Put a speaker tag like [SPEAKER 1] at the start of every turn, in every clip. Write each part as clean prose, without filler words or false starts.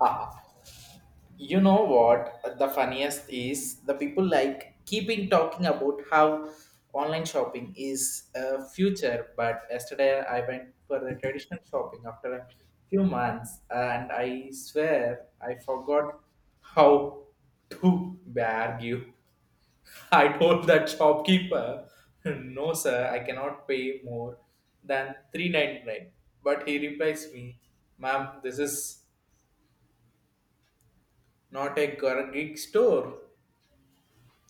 [SPEAKER 1] Ah, you know what? The funniest is the people like keeping talking about how online shopping is a future. But yesterday I went for the traditional shopping after a few months, and I swear I forgot how to argue. I told that shopkeeper, "No, sir, I cannot pay more than 399." But he replies me, "Ma'am, this is." Not a gig store.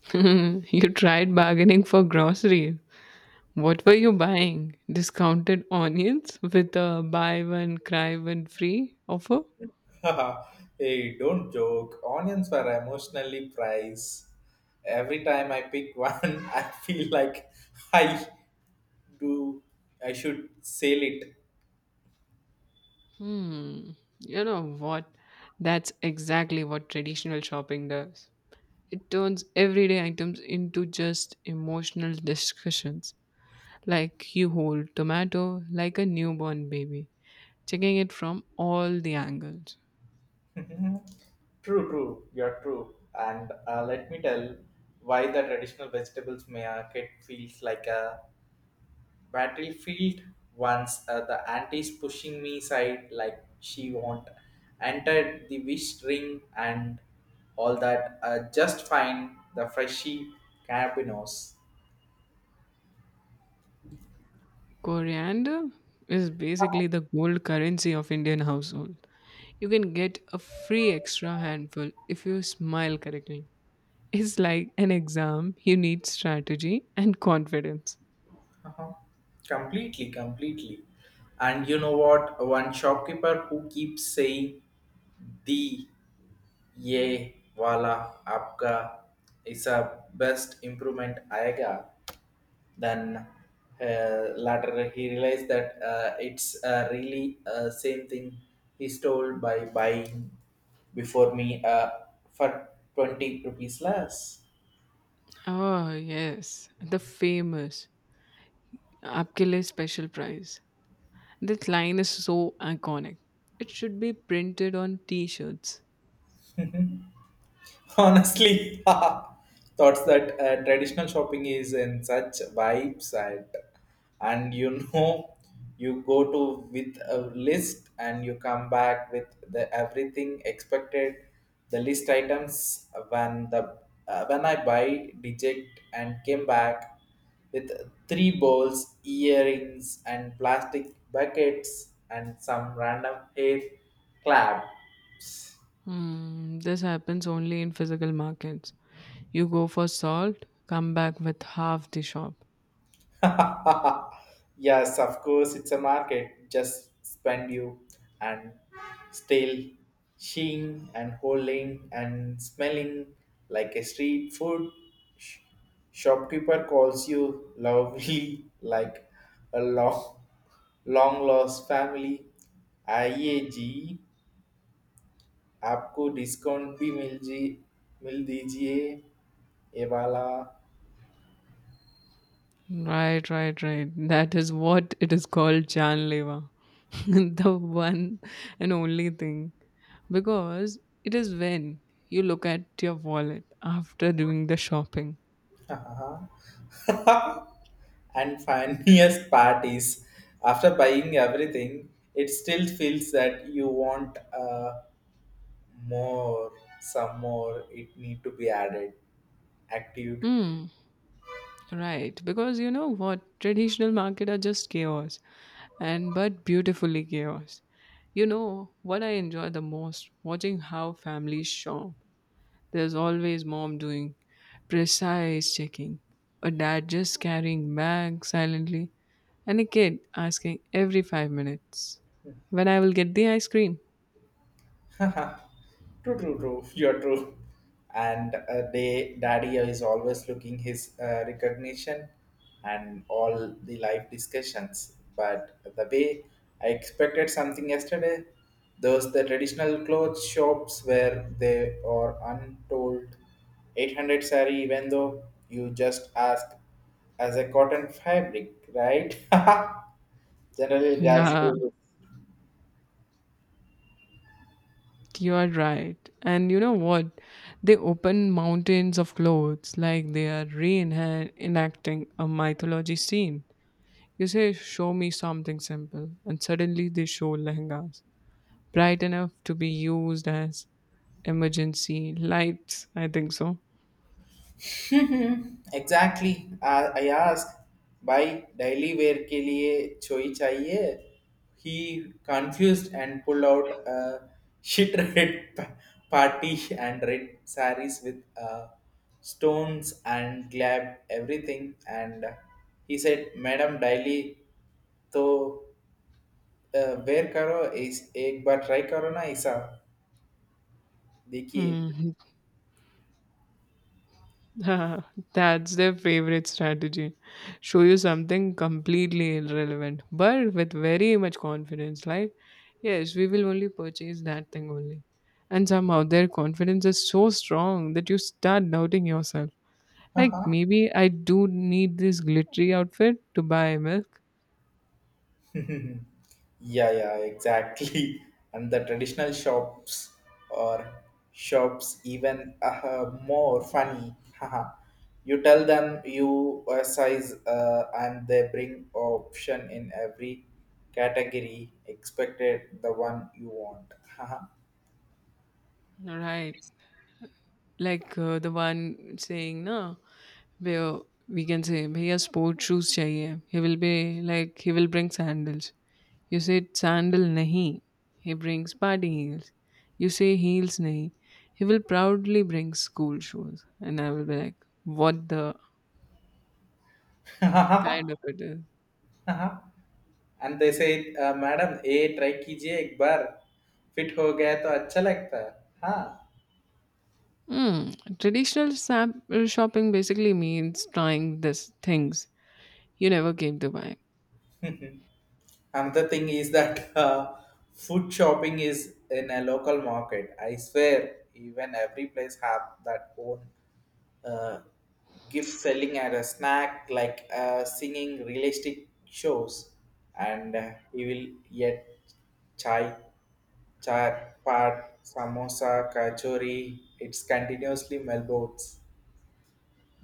[SPEAKER 2] You tried bargaining for groceries. What were you buying? Discounted onions with a buy one, cry one free offer?
[SPEAKER 1] Haha, hey, don't joke. Onions were emotionally priced. Every time I pick one, I feel like I do. I should sell it.
[SPEAKER 2] Hmm. You know what? That's exactly what traditional shopping does. It turns everyday items into just emotional discussions. Like you hold tomato like a newborn baby, checking it from all the angles.
[SPEAKER 1] True, true. You're true. And let me tell why the traditional vegetables market feels like a battlefield, once the auntie's pushing me side like she won't entered the wish ring and all that just fine the freshy cabinos.
[SPEAKER 2] Coriander is basically the gold currency of Indian households. You can get a free extra handful if you smile correctly. It's like an exam, you need strategy and confidence.
[SPEAKER 1] Uh-huh. Completely, and you know what, one shopkeeper who keeps saying the ye wala apka is a best improvement aega. Then later he realized that it's really same thing he stole by buying before me for 20 rupees less.
[SPEAKER 2] Oh, yes, the famous आपके लिए special prize. That line is so iconic. It should be printed on t-shirts.
[SPEAKER 1] Honestly, thoughts that traditional shopping is in such vibes, and you know, you go to with a list and you come back with the everything expected the list items when the when I buy deject and came back with three balls, earrings, and plastic buckets, and some random hair clap.
[SPEAKER 2] Hmm, this happens only in physical markets. You go for salt, come back with half the shop.
[SPEAKER 1] Yes, of course, it's a market. Just spend you and still seeing and holding and smelling like a street food. Sh- Shopkeeper calls you lovely like a long, long lost family. आइए जी आपको discount भी मिल जी मिल दीजिए ये वाला.
[SPEAKER 2] Right, right, right. That is what it is called Janleva. The one and only thing. Because it is when you look at your wallet after doing the shopping.
[SPEAKER 1] And funniest part is, after buying everything it still feels that you want more, some more it need to be added active.
[SPEAKER 2] Hmm. Right. Because you know what? Traditional market are just chaos. And but beautifully chaos. You know what I enjoy the most? Watching how families shop. There's always mom doing precise checking, a dad just carrying bag silently, and a kid asking every 5 minutes when I will get the ice cream.
[SPEAKER 1] Haha. True, true, true. You're true. And daddy is always looking his recognition and all the life discussions. But the way I expected something yesterday, those the traditional clothes shops where they are untold 800 sari, even though you just ask as a cotton fabric, right? Generally, girls
[SPEAKER 2] Yeah,
[SPEAKER 1] do
[SPEAKER 2] you are right. And you know what? They open mountains of clothes like they are reenacting a mythology scene. You say, show me something simple, and suddenly they show lehengas, bright enough to be used as emergency lights. I think so.
[SPEAKER 1] Hmm exactly I ask भाई daily wear के लिए चोई चाहिए ही confused and pull out shirt red party and red sarees with stones and glab everything, and he said madam daily तो wear करो इस एक बार ट्राई करो ना ऐसा देखिए.
[SPEAKER 2] Hmm. That's their favorite strategy. Show you something completely irrelevant, but with very much confidence. Like, yes, we will only purchase that thing only. And somehow their confidence is so strong that you start doubting yourself. Like, maybe I do need this glittery outfit to buy milk.
[SPEAKER 1] Yeah, yeah, exactly. And the traditional shops or shops even more funny. Haha, you tell them you size and they bring option in every category expected the one you want. Haha.
[SPEAKER 2] Right. Like the one saying, no, where we can say, भैया sport shoes चाहिए. He will be like, he will bring sandals. You said sandal nahi. He brings party heels. You say heels nahi. He will proudly bring school shoes. And I will be like, what the kind of it is.
[SPEAKER 1] Haha, and they say, madam, a try कीजिए एक बार fit हो गया तो अच्छा लगता है हाँ.
[SPEAKER 2] Hmm. Traditional sap- shopping basically means trying this things you never came to buy.
[SPEAKER 1] Another thing is that food shopping is in a local market. I swear, even every place have that own uh, gift selling and a snack like singing realistic shows, and you will get chai, chaat, paat, samosa, kachori. It's continuously melbourne.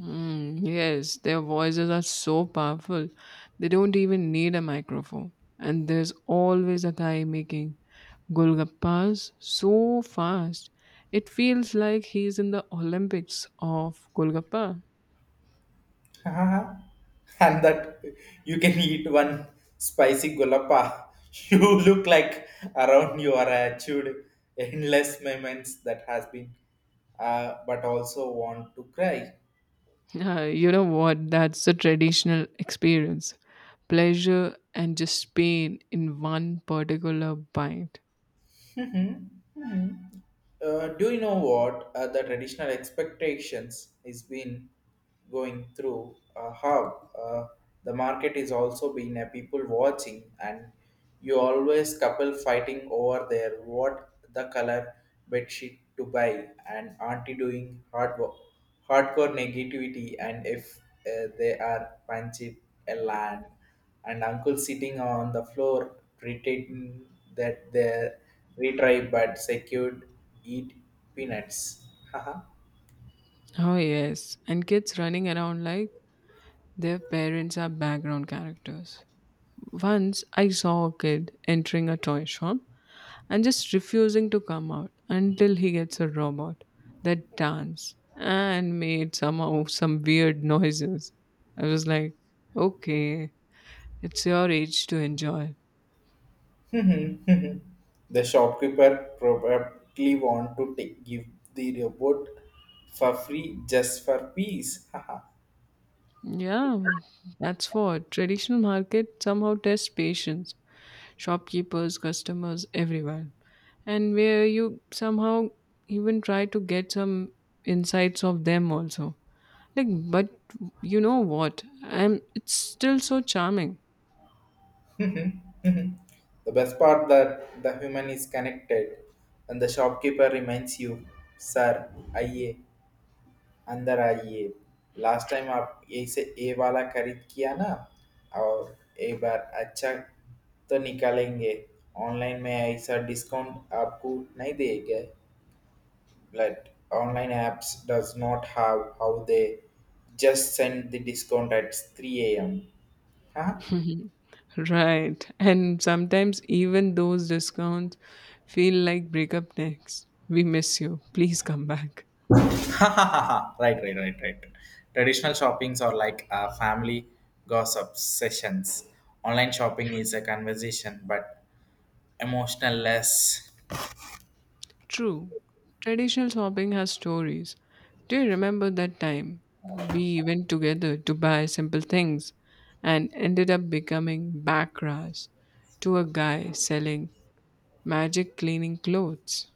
[SPEAKER 2] Mm, yes, their voices are so powerful. They don't even need a microphone. And there's always a guy making Golgappas so fast. It feels like he's in the Olympics of Golgappa.
[SPEAKER 1] And that you can eat one spicy gulappa. You look like around you are achieved endless moments that has been, but also want to cry.
[SPEAKER 2] You know what? That's the traditional experience. Pleasure and just pain in one particular bite.
[SPEAKER 1] Mhm, mhm. Do you know what the traditional expectations is been going through? How the market is also been a people watching, and you always couple fighting over there. What the color bedsheet to buy, and auntie doing hard work, hardcore negativity, and if they are punching a land, and uncle sitting on the floor pretending that they retried but secured eat peanuts. Haha.
[SPEAKER 2] Oh, yes. And kids running around like their parents are background characters. Once I saw a kid entering a toy shop and just refusing to come out until he gets a robot that danced and made somehow some weird noises. I was like, okay, it's your age to enjoy.
[SPEAKER 1] The shopkeeper probably want to take, give the robot for free just for peace. Haha.
[SPEAKER 2] Yeah, that's what traditional market somehow tests patience, shopkeepers, customers, everyone. And where you somehow even try to get some insights of them also. Like, but you know what? I'm It's still so charming.
[SPEAKER 1] The best part that the human is connected and the shopkeeper reminds you, sir, aye. अंदर आइए। Last time आप यहीं से ये वाला खरीद किया ना और एक बार अच्छा तो निकालेंगे। ऑनलाइन में ऐसा डिस्काउंट आपको नहीं देंगे। But online apps does not have how they just send the discount at 3 a.m. Huh?
[SPEAKER 2] Right. And sometimes even those discounts feel like breakup next. We miss you. Please come back.
[SPEAKER 1] Right, right, right, right. Traditional shoppings are like family gossip sessions. Online shopping is a conversation, but emotional less.
[SPEAKER 2] True. Traditional shopping has stories. Do you remember that time we went together to buy simple things and ended up becoming backrash to a guy selling magic cleaning clothes?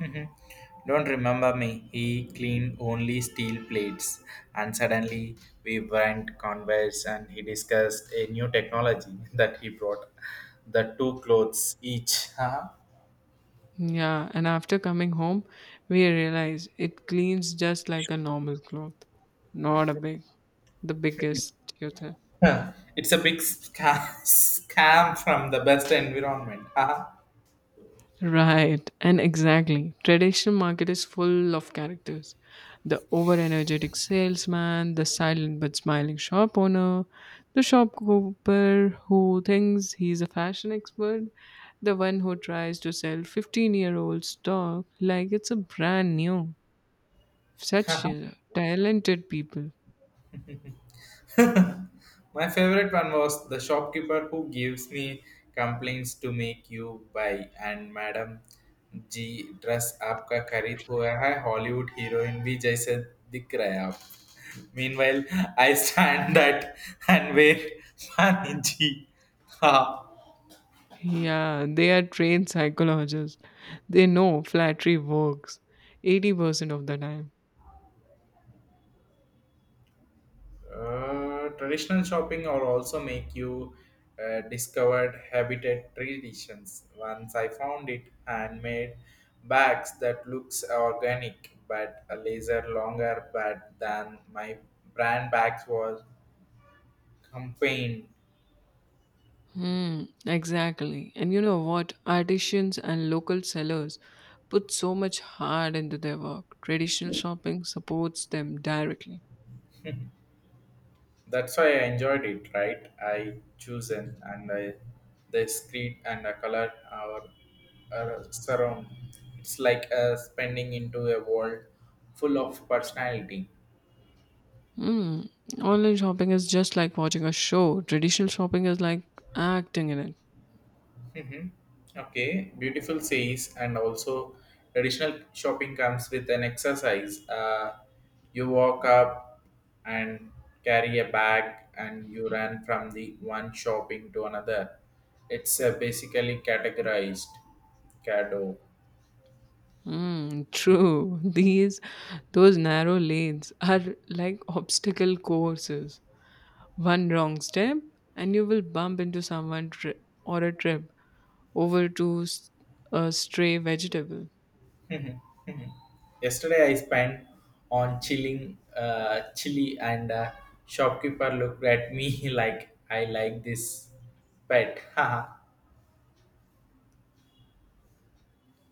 [SPEAKER 1] Mhm. Don't remember me. He cleaned only steel plates, and suddenly we went converse, and he discussed a new technology that he brought. The two clothes each. Uh-huh.
[SPEAKER 2] Yeah, and after coming home, we realize it cleans just like a normal cloth, not a big, the biggest, you think.
[SPEAKER 1] Huh? It's a big scam, scam from the best environment. Huh?
[SPEAKER 2] Right, and exactly. Traditional market is full of characters. The over energetic salesman, the silent but smiling shop owner, the shopkeeper who thinks he's a fashion expert, the one who tries to sell 15-year-old stock like it's a brand new. Such talented people.
[SPEAKER 1] My favorite one was the shopkeeper who gives me complaints to make you buy and Madam ji dress आपका खरीद हुआ है Hollywood heroine भी जैसे दिख रहे हैं आप meanwhile I stand that and wait पानी जी हाँ.
[SPEAKER 2] Yeah, they are trained psychologists. They know flattery works 80% of the time.
[SPEAKER 1] Traditional shopping or also make you discovered habitat traditions. Once I found it handmade bags that looks organic but a laser longer but than my brand bags was campaign.
[SPEAKER 2] Hmm, exactly. And you know what? Artisans and local sellers put so much heart into their work. Traditional shopping supports them directly.
[SPEAKER 1] That's why I enjoyed it, right? I chosen and I the street and the color our surround. It's like spending into a world full of personality.
[SPEAKER 2] Hmm. Online shopping is just like watching a show. Traditional shopping is like acting in it.
[SPEAKER 1] Mm-hmm. Okay, beautiful says, and also traditional shopping comes with an exercise. You walk up and carry a bag, and you run from the one shopping to another. It's basically categorized. Cado.
[SPEAKER 2] Hmm. True. Those narrow lanes are like obstacle courses. One wrong step, and you will bump into someone tri- or a trip over to s- a stray vegetable.
[SPEAKER 1] Yesterday I spent on chilling, chili, and shopkeeper looked at me like I like this pet.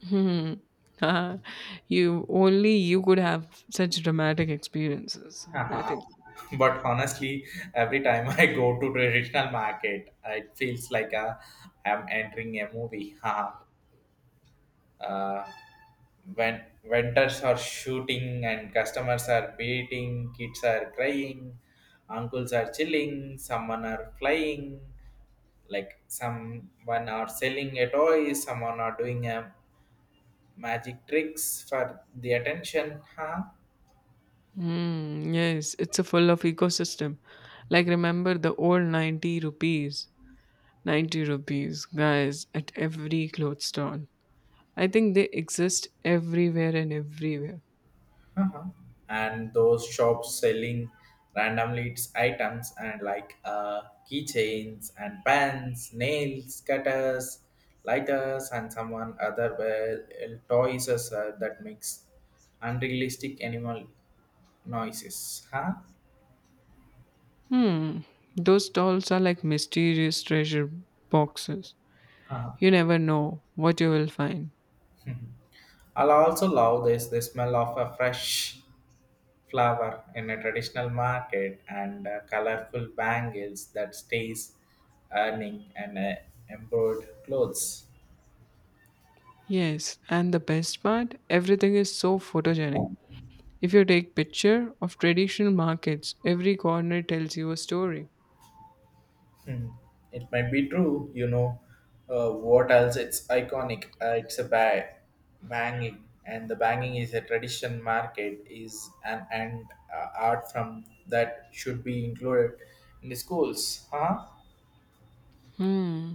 [SPEAKER 2] Hmm. Ah, you could have such dramatic experiences. I
[SPEAKER 1] Haha,
[SPEAKER 2] think.
[SPEAKER 1] but honestly, every time I go to traditional market, it feels like I'm entering a movie. Haha. uh, when vendors are shooting and customers are beating, kids are crying, uncles are chilling, someone are flying, like someone are selling a toy, someone are doing a magic tricks for the attention. Huh?
[SPEAKER 2] Hmm. Yes, it's a full of ecosystem. Like remember the old ninety rupees guys at every clothes stall. I think they exist everywhere.
[SPEAKER 1] Uh-huh. And those shops selling randomly its items and like keychains and pens, nails, cutters, lighters, and someone other well, toys as, that makes unrealistic animal noises. Huh?
[SPEAKER 2] Hmm, those stalls are like mysterious treasure boxes.
[SPEAKER 1] Uh-huh.
[SPEAKER 2] You never know what you will find.
[SPEAKER 1] I'll also love this the smell of a fresh flower in a traditional market and colorful bangles that stays earning and embroidered clothes.
[SPEAKER 2] Yes, and the best part, everything is so photogenic. If you take picture of traditional markets, every corner tells you a story.
[SPEAKER 1] It might be true, you know. What else? It's iconic. It's a banging, and the banging is a tradition. Market is an and art from that should be included in the schools, huh?
[SPEAKER 2] Hmm.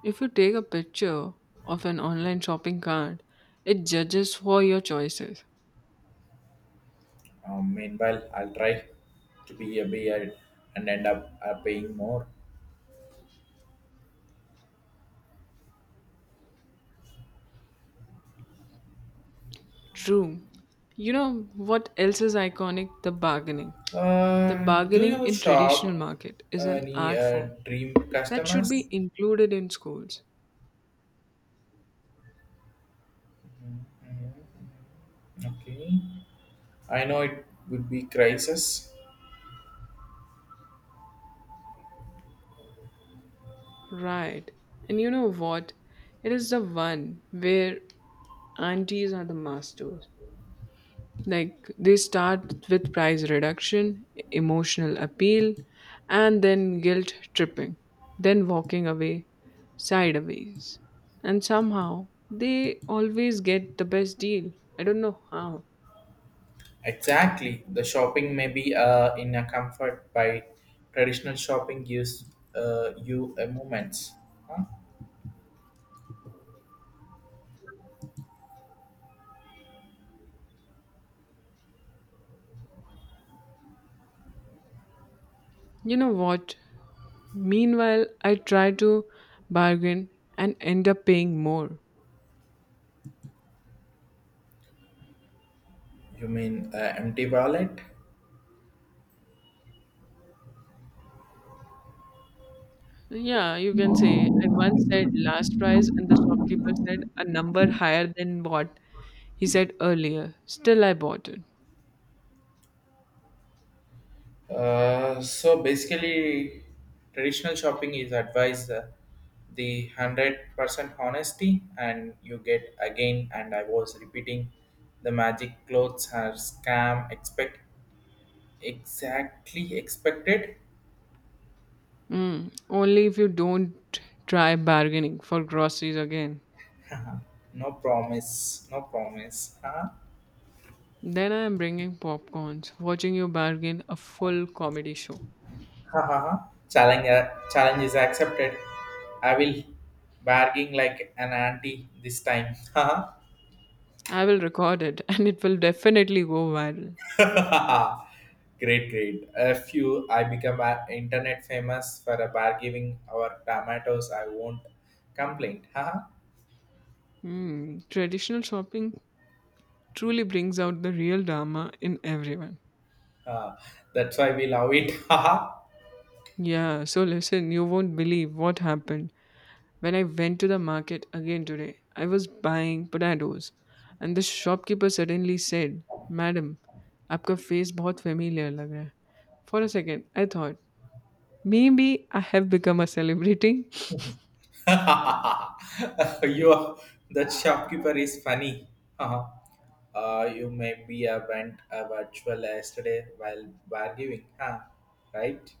[SPEAKER 2] If you take a picture of an online shopping cart, it judges for your choices.
[SPEAKER 1] Meanwhile, I'll try to be a beard and end up paying more.
[SPEAKER 2] True. You know what else is iconic? The bargaining. The
[SPEAKER 1] Do
[SPEAKER 2] bargaining
[SPEAKER 1] you
[SPEAKER 2] in traditional
[SPEAKER 1] shop
[SPEAKER 2] market is an
[SPEAKER 1] any
[SPEAKER 2] art form
[SPEAKER 1] dream
[SPEAKER 2] that should be
[SPEAKER 1] customers?
[SPEAKER 2] included in schools.
[SPEAKER 1] Okay, I know it would be crisis.
[SPEAKER 2] Right. And you know what? It is the one where aunties are the masters. Like they start with price reduction, emotional appeal, and then guilt tripping, then walking away sideways. And somehow they always get the best deal. I don't know how.
[SPEAKER 1] Exactly. The shopping may be in a comfort by traditional shopping gives you a moments. Huh?
[SPEAKER 2] You know what? Meanwhile, I try to bargain and end up paying more.
[SPEAKER 1] You mean empty wallet?
[SPEAKER 2] Yeah, you can say. I once said last price, and the shopkeeper said a number higher than what he said earlier. Still, I bought it.
[SPEAKER 1] So basically, traditional shopping is advised the 100% honesty, and you get again. And I was repeating, the magic clothes are scam. Expect exactly expected.
[SPEAKER 2] Mm, only if you don't try bargaining for groceries again.
[SPEAKER 1] No promise. No promise. Huh?
[SPEAKER 2] Then I am bringing popcorns, watching you bargain a full comedy show.
[SPEAKER 1] Ha ha ha. Challenge, uh, challenge is accepted. I will barging like an auntie this time. Ha ha.
[SPEAKER 2] I will record it, and it will definitely go viral.
[SPEAKER 1] Great, great. A few, internet famous for a bargaining our tomatoes. I won't complain. Haha, ha.
[SPEAKER 2] Mm, traditional shopping truly brings out the real Dharma in everyone.
[SPEAKER 1] Ah, that's why we love it. Haha.
[SPEAKER 2] Yeah, so listen, you won't believe what happened. When I went to the market again today, I was buying potatoes, and the shopkeeper suddenly said, Madam, आपका face बहुत familiar लग रहा है. For a second, I thought, maybe I have become a celebrity.
[SPEAKER 1] You are, that shopkeeper is funny. Uh-huh. You maybe went virtual yesterday while bargaining, huh? Right?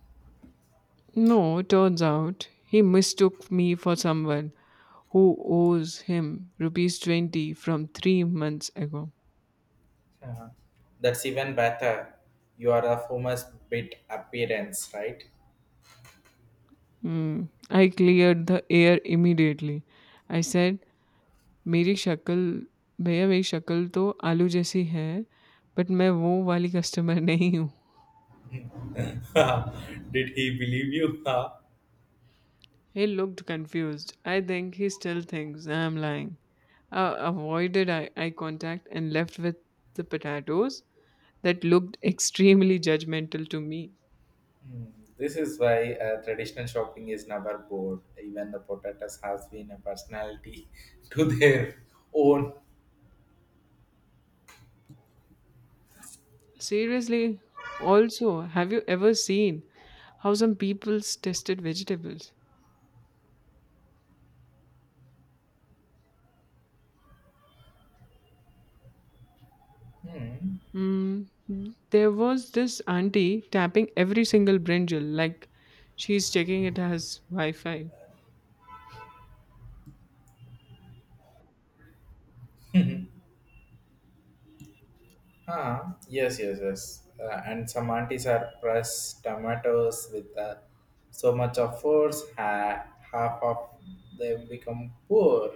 [SPEAKER 2] No, turns out he mistook me for someone who owes him rupees 20 from 3 months ago.
[SPEAKER 1] Uh-huh. That's even better. You are a famous bit appearance, right?
[SPEAKER 2] Hmm. I cleared the air immediately. I said, मेरी शक्ल भैया मेरी शक्ल तो आलू जैसी है, but मैं वो वाली कस्टमर नहीं हूँ।
[SPEAKER 1] Did he believe you? Huh?
[SPEAKER 2] He looked confused. I think he still thinks I am lying. I avoided eye contact and left with the potatoes that looked extremely judgmental to me.
[SPEAKER 1] Hmm. This is why traditional shopping is never bored. Even the potatoes has been a personality to their own.
[SPEAKER 2] Seriously, also, have you ever seen how some people's tested vegetables? Mm, there was this auntie tapping every single brinjal like she's checking it has Wi-Fi.
[SPEAKER 1] Huh? Yes, yes, yes. And some aunties are press tomatoes with so much of force, half of them become poor.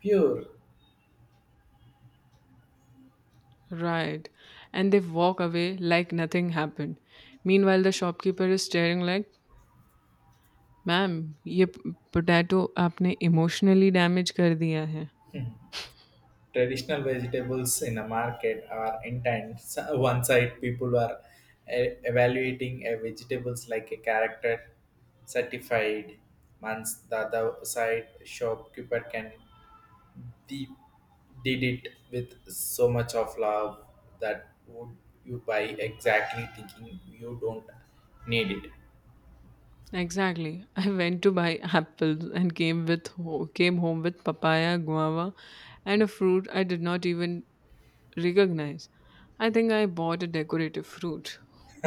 [SPEAKER 1] Pure
[SPEAKER 2] Right. And they walk away like nothing happened. Meanwhile, the shopkeeper is staring like, "Ma'am, ये potato आपने emotionally damage कर दिया है."
[SPEAKER 1] traditional vegetables in a market are intense. One side, people are evaluating a vegetables like a character certified months. The other side, shopkeeper can they did it with so much of love that would you buy exactly thinking you don't need it.
[SPEAKER 2] Exactly. I went to buy apples and came home with papaya, guava, and a fruit I did not even recognize. I think I bought a decorative fruit.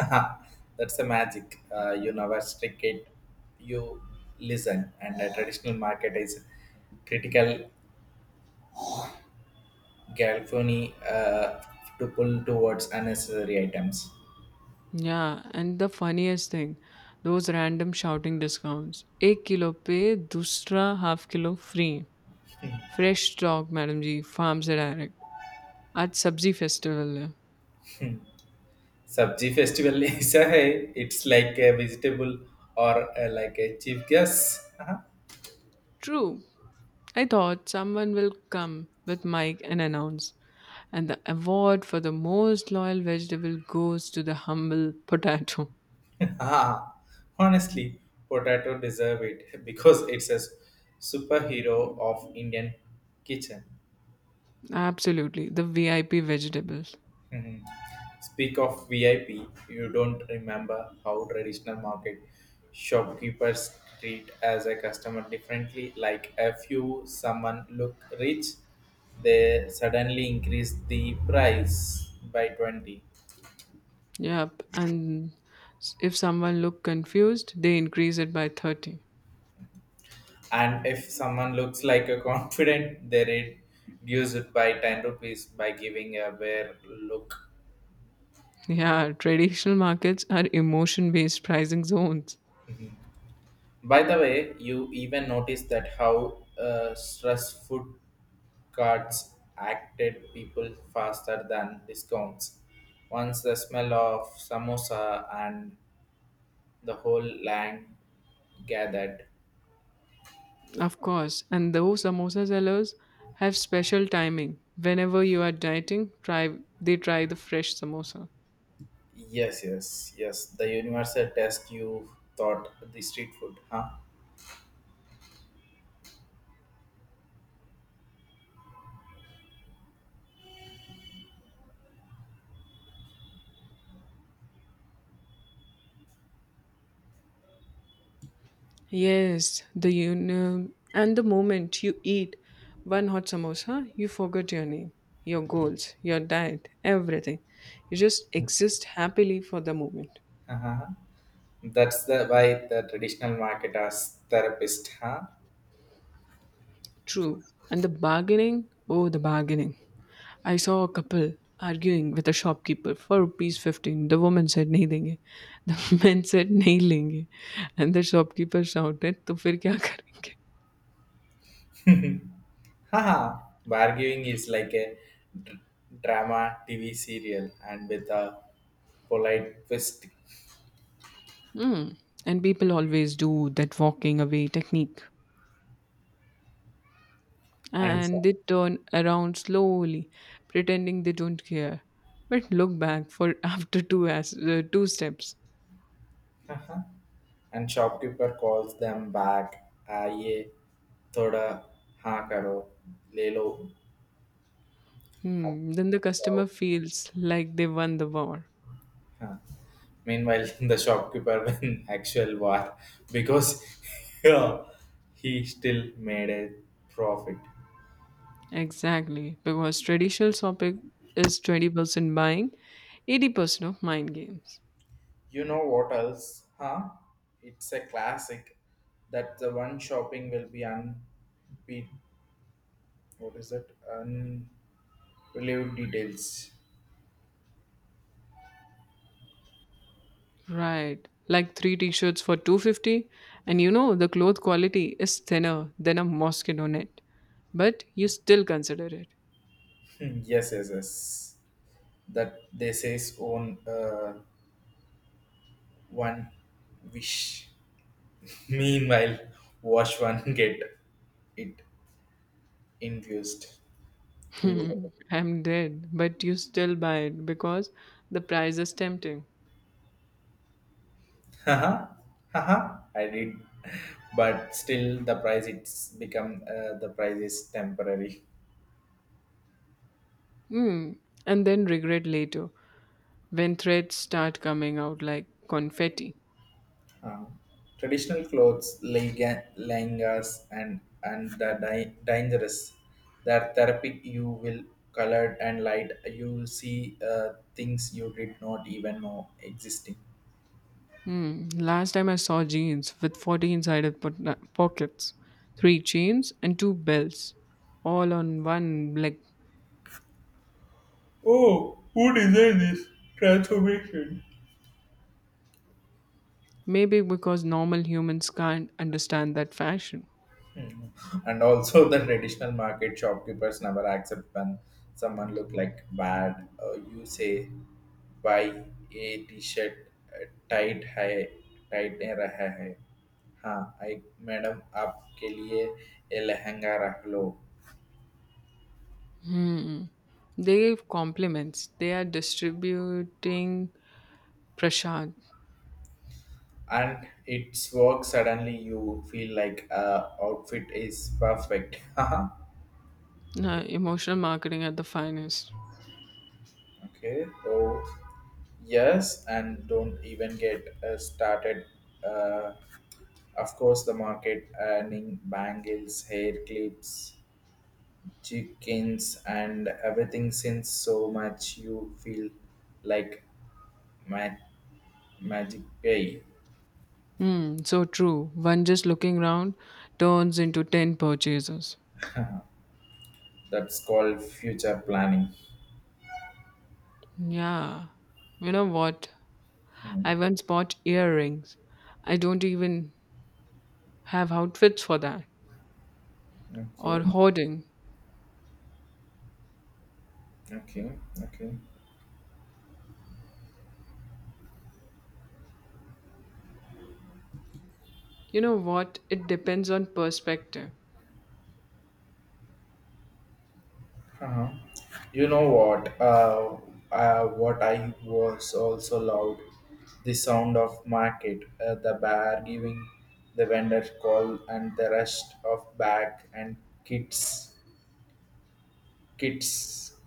[SPEAKER 1] That's the magic, you never stick it, you listen, and the traditional market is critical galphony to pull towards unnecessary items.
[SPEAKER 2] Yeah, and the funniest thing, those random shouting discounts. एक kilo पे दूसरा half kilo free fresh stock madam ji farm से direct आज सब्जी festival है.
[SPEAKER 1] Sabji festival is a, it's like a vegetable or like a chief guess.
[SPEAKER 2] True. I thought someone will come with mic and announce, and the award for the most loyal vegetable goes to the humble potato.
[SPEAKER 1] Ah, honestly, potato deserve it because it's a superhero of Indian kitchen.
[SPEAKER 2] Absolutely, the VIP vegetables.
[SPEAKER 1] Mhm. Speak of VIP, you don't remember how traditional market shopkeepers treat as a customer differently. Like if you someone look rich, they suddenly increase the price by 20.
[SPEAKER 2] Yep, and if someone look confused, they increase it by 30.
[SPEAKER 1] And if someone looks like a confident they reduce it by 10 rupees by giving a bare look.
[SPEAKER 2] Yeah, traditional markets are emotion based pricing zones.
[SPEAKER 1] By the way you even notice that how stress food cards acted people faster than discounts, once the smell of samosa and the whole land gathered.
[SPEAKER 2] Of course, and those samosa sellers have special timing. Whenever you are dieting, try they try the fresh samosa.
[SPEAKER 1] Yes, yes, yes, the universal test you thought the street food, huh?
[SPEAKER 2] Yes, the union and the moment you eat one hot samosa, you forget your name, your goals, your diet, everything. You just exist happily for the moment.
[SPEAKER 1] That's the why the traditional market as therapist, huh?
[SPEAKER 2] True. And the bargaining, oh, the bargaining. I saw a couple arguing with a shopkeeper for rupees 15. The woman said, "Nahi देंगे. The man said, "Nahi लेंगे. And the shopkeeper shouted, तो फिर क्या करेंगे?
[SPEAKER 1] Haha. Bargaining is like a dr- drama TV serial, and with a polite twist,
[SPEAKER 2] Hmm. And people always do that walking away technique.
[SPEAKER 1] and
[SPEAKER 2] And
[SPEAKER 1] so-
[SPEAKER 2] they turn around slowly, pretending they don't care. But look back for after two steps.
[SPEAKER 1] and shopkeeper calls them back. Aye, thoda ha karo, le lo.
[SPEAKER 2] Hmm. Then the customer
[SPEAKER 1] Wow.
[SPEAKER 2] feels like they won the war.
[SPEAKER 1] Huh. Meanwhile, the shopkeeper win actual war because, yeah, he still made a profit.
[SPEAKER 2] Exactly, because traditional shopping is 20% buying, 80% of mind games.
[SPEAKER 1] You know what else? Huh? It's a classic. That the one shopping will be unbe, what is it? Unbelievable details.
[SPEAKER 2] Right. Like three t-shirts for 250 and you know the cloth quality is thinner than a mosquito net, but you still consider it.
[SPEAKER 1] Yes, yes, yes. That they says on one wish. Meanwhile, watch one get it infused.
[SPEAKER 2] I'm dead, but you still buy it because the price is tempting.
[SPEAKER 1] Haha, haha. I did, but still the price is temporary.
[SPEAKER 2] Hmm. And then regret later when threads start coming out like confetti.
[SPEAKER 1] Uh, traditional clothes, langas, and the dangerous. That therapy you will colored and light. You see things you did not even know existing.
[SPEAKER 2] Hmm. Last time I saw jeans with 40 inside it pockets, three chains, and two belts, all on one leg.
[SPEAKER 1] Oh, who designed this transformation?
[SPEAKER 2] Maybe because normal humans can't understand that fashion.
[SPEAKER 1] Mm. And also, the traditional market shopkeepers never accept when someone look like bad. You say buy a t-shirt tight है tight नहीं रहा है हाँ एक madam आपके लिए ये लहंगा रख लो
[SPEAKER 2] They give compliments, they are distributing prashad,
[SPEAKER 1] and it's work suddenly you feel like outfit is perfect.
[SPEAKER 2] emotional marketing at the finest.
[SPEAKER 1] Okay. Oh, yes, and don't even get started. Uh, of course, the market earning bangles, hair clips, chickens, and everything since so much you feel like ma- magic pay.
[SPEAKER 2] Hmm, so true. One just looking round turns into 10 purchases.
[SPEAKER 1] That's called future planning.
[SPEAKER 2] Yeah. You know what?
[SPEAKER 1] Mm.
[SPEAKER 2] I once bought earrings. I don't even have outfits for that or
[SPEAKER 1] Okay.
[SPEAKER 2] hoarding.
[SPEAKER 1] Okay. Okay.
[SPEAKER 2] You know what? It depends on perspective.
[SPEAKER 1] Uh-huh. You know what? What I was also loud, the sound of market, the bar giving the vendor call, and the rest of bag and kids, kids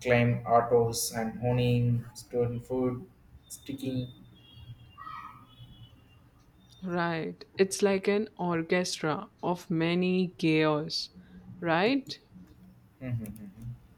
[SPEAKER 1] claim autos and honing, stolen food, sticky.
[SPEAKER 2] Right. It's like an orchestra of many chaos, right?
[SPEAKER 1] Mm-hmm, mm-hmm.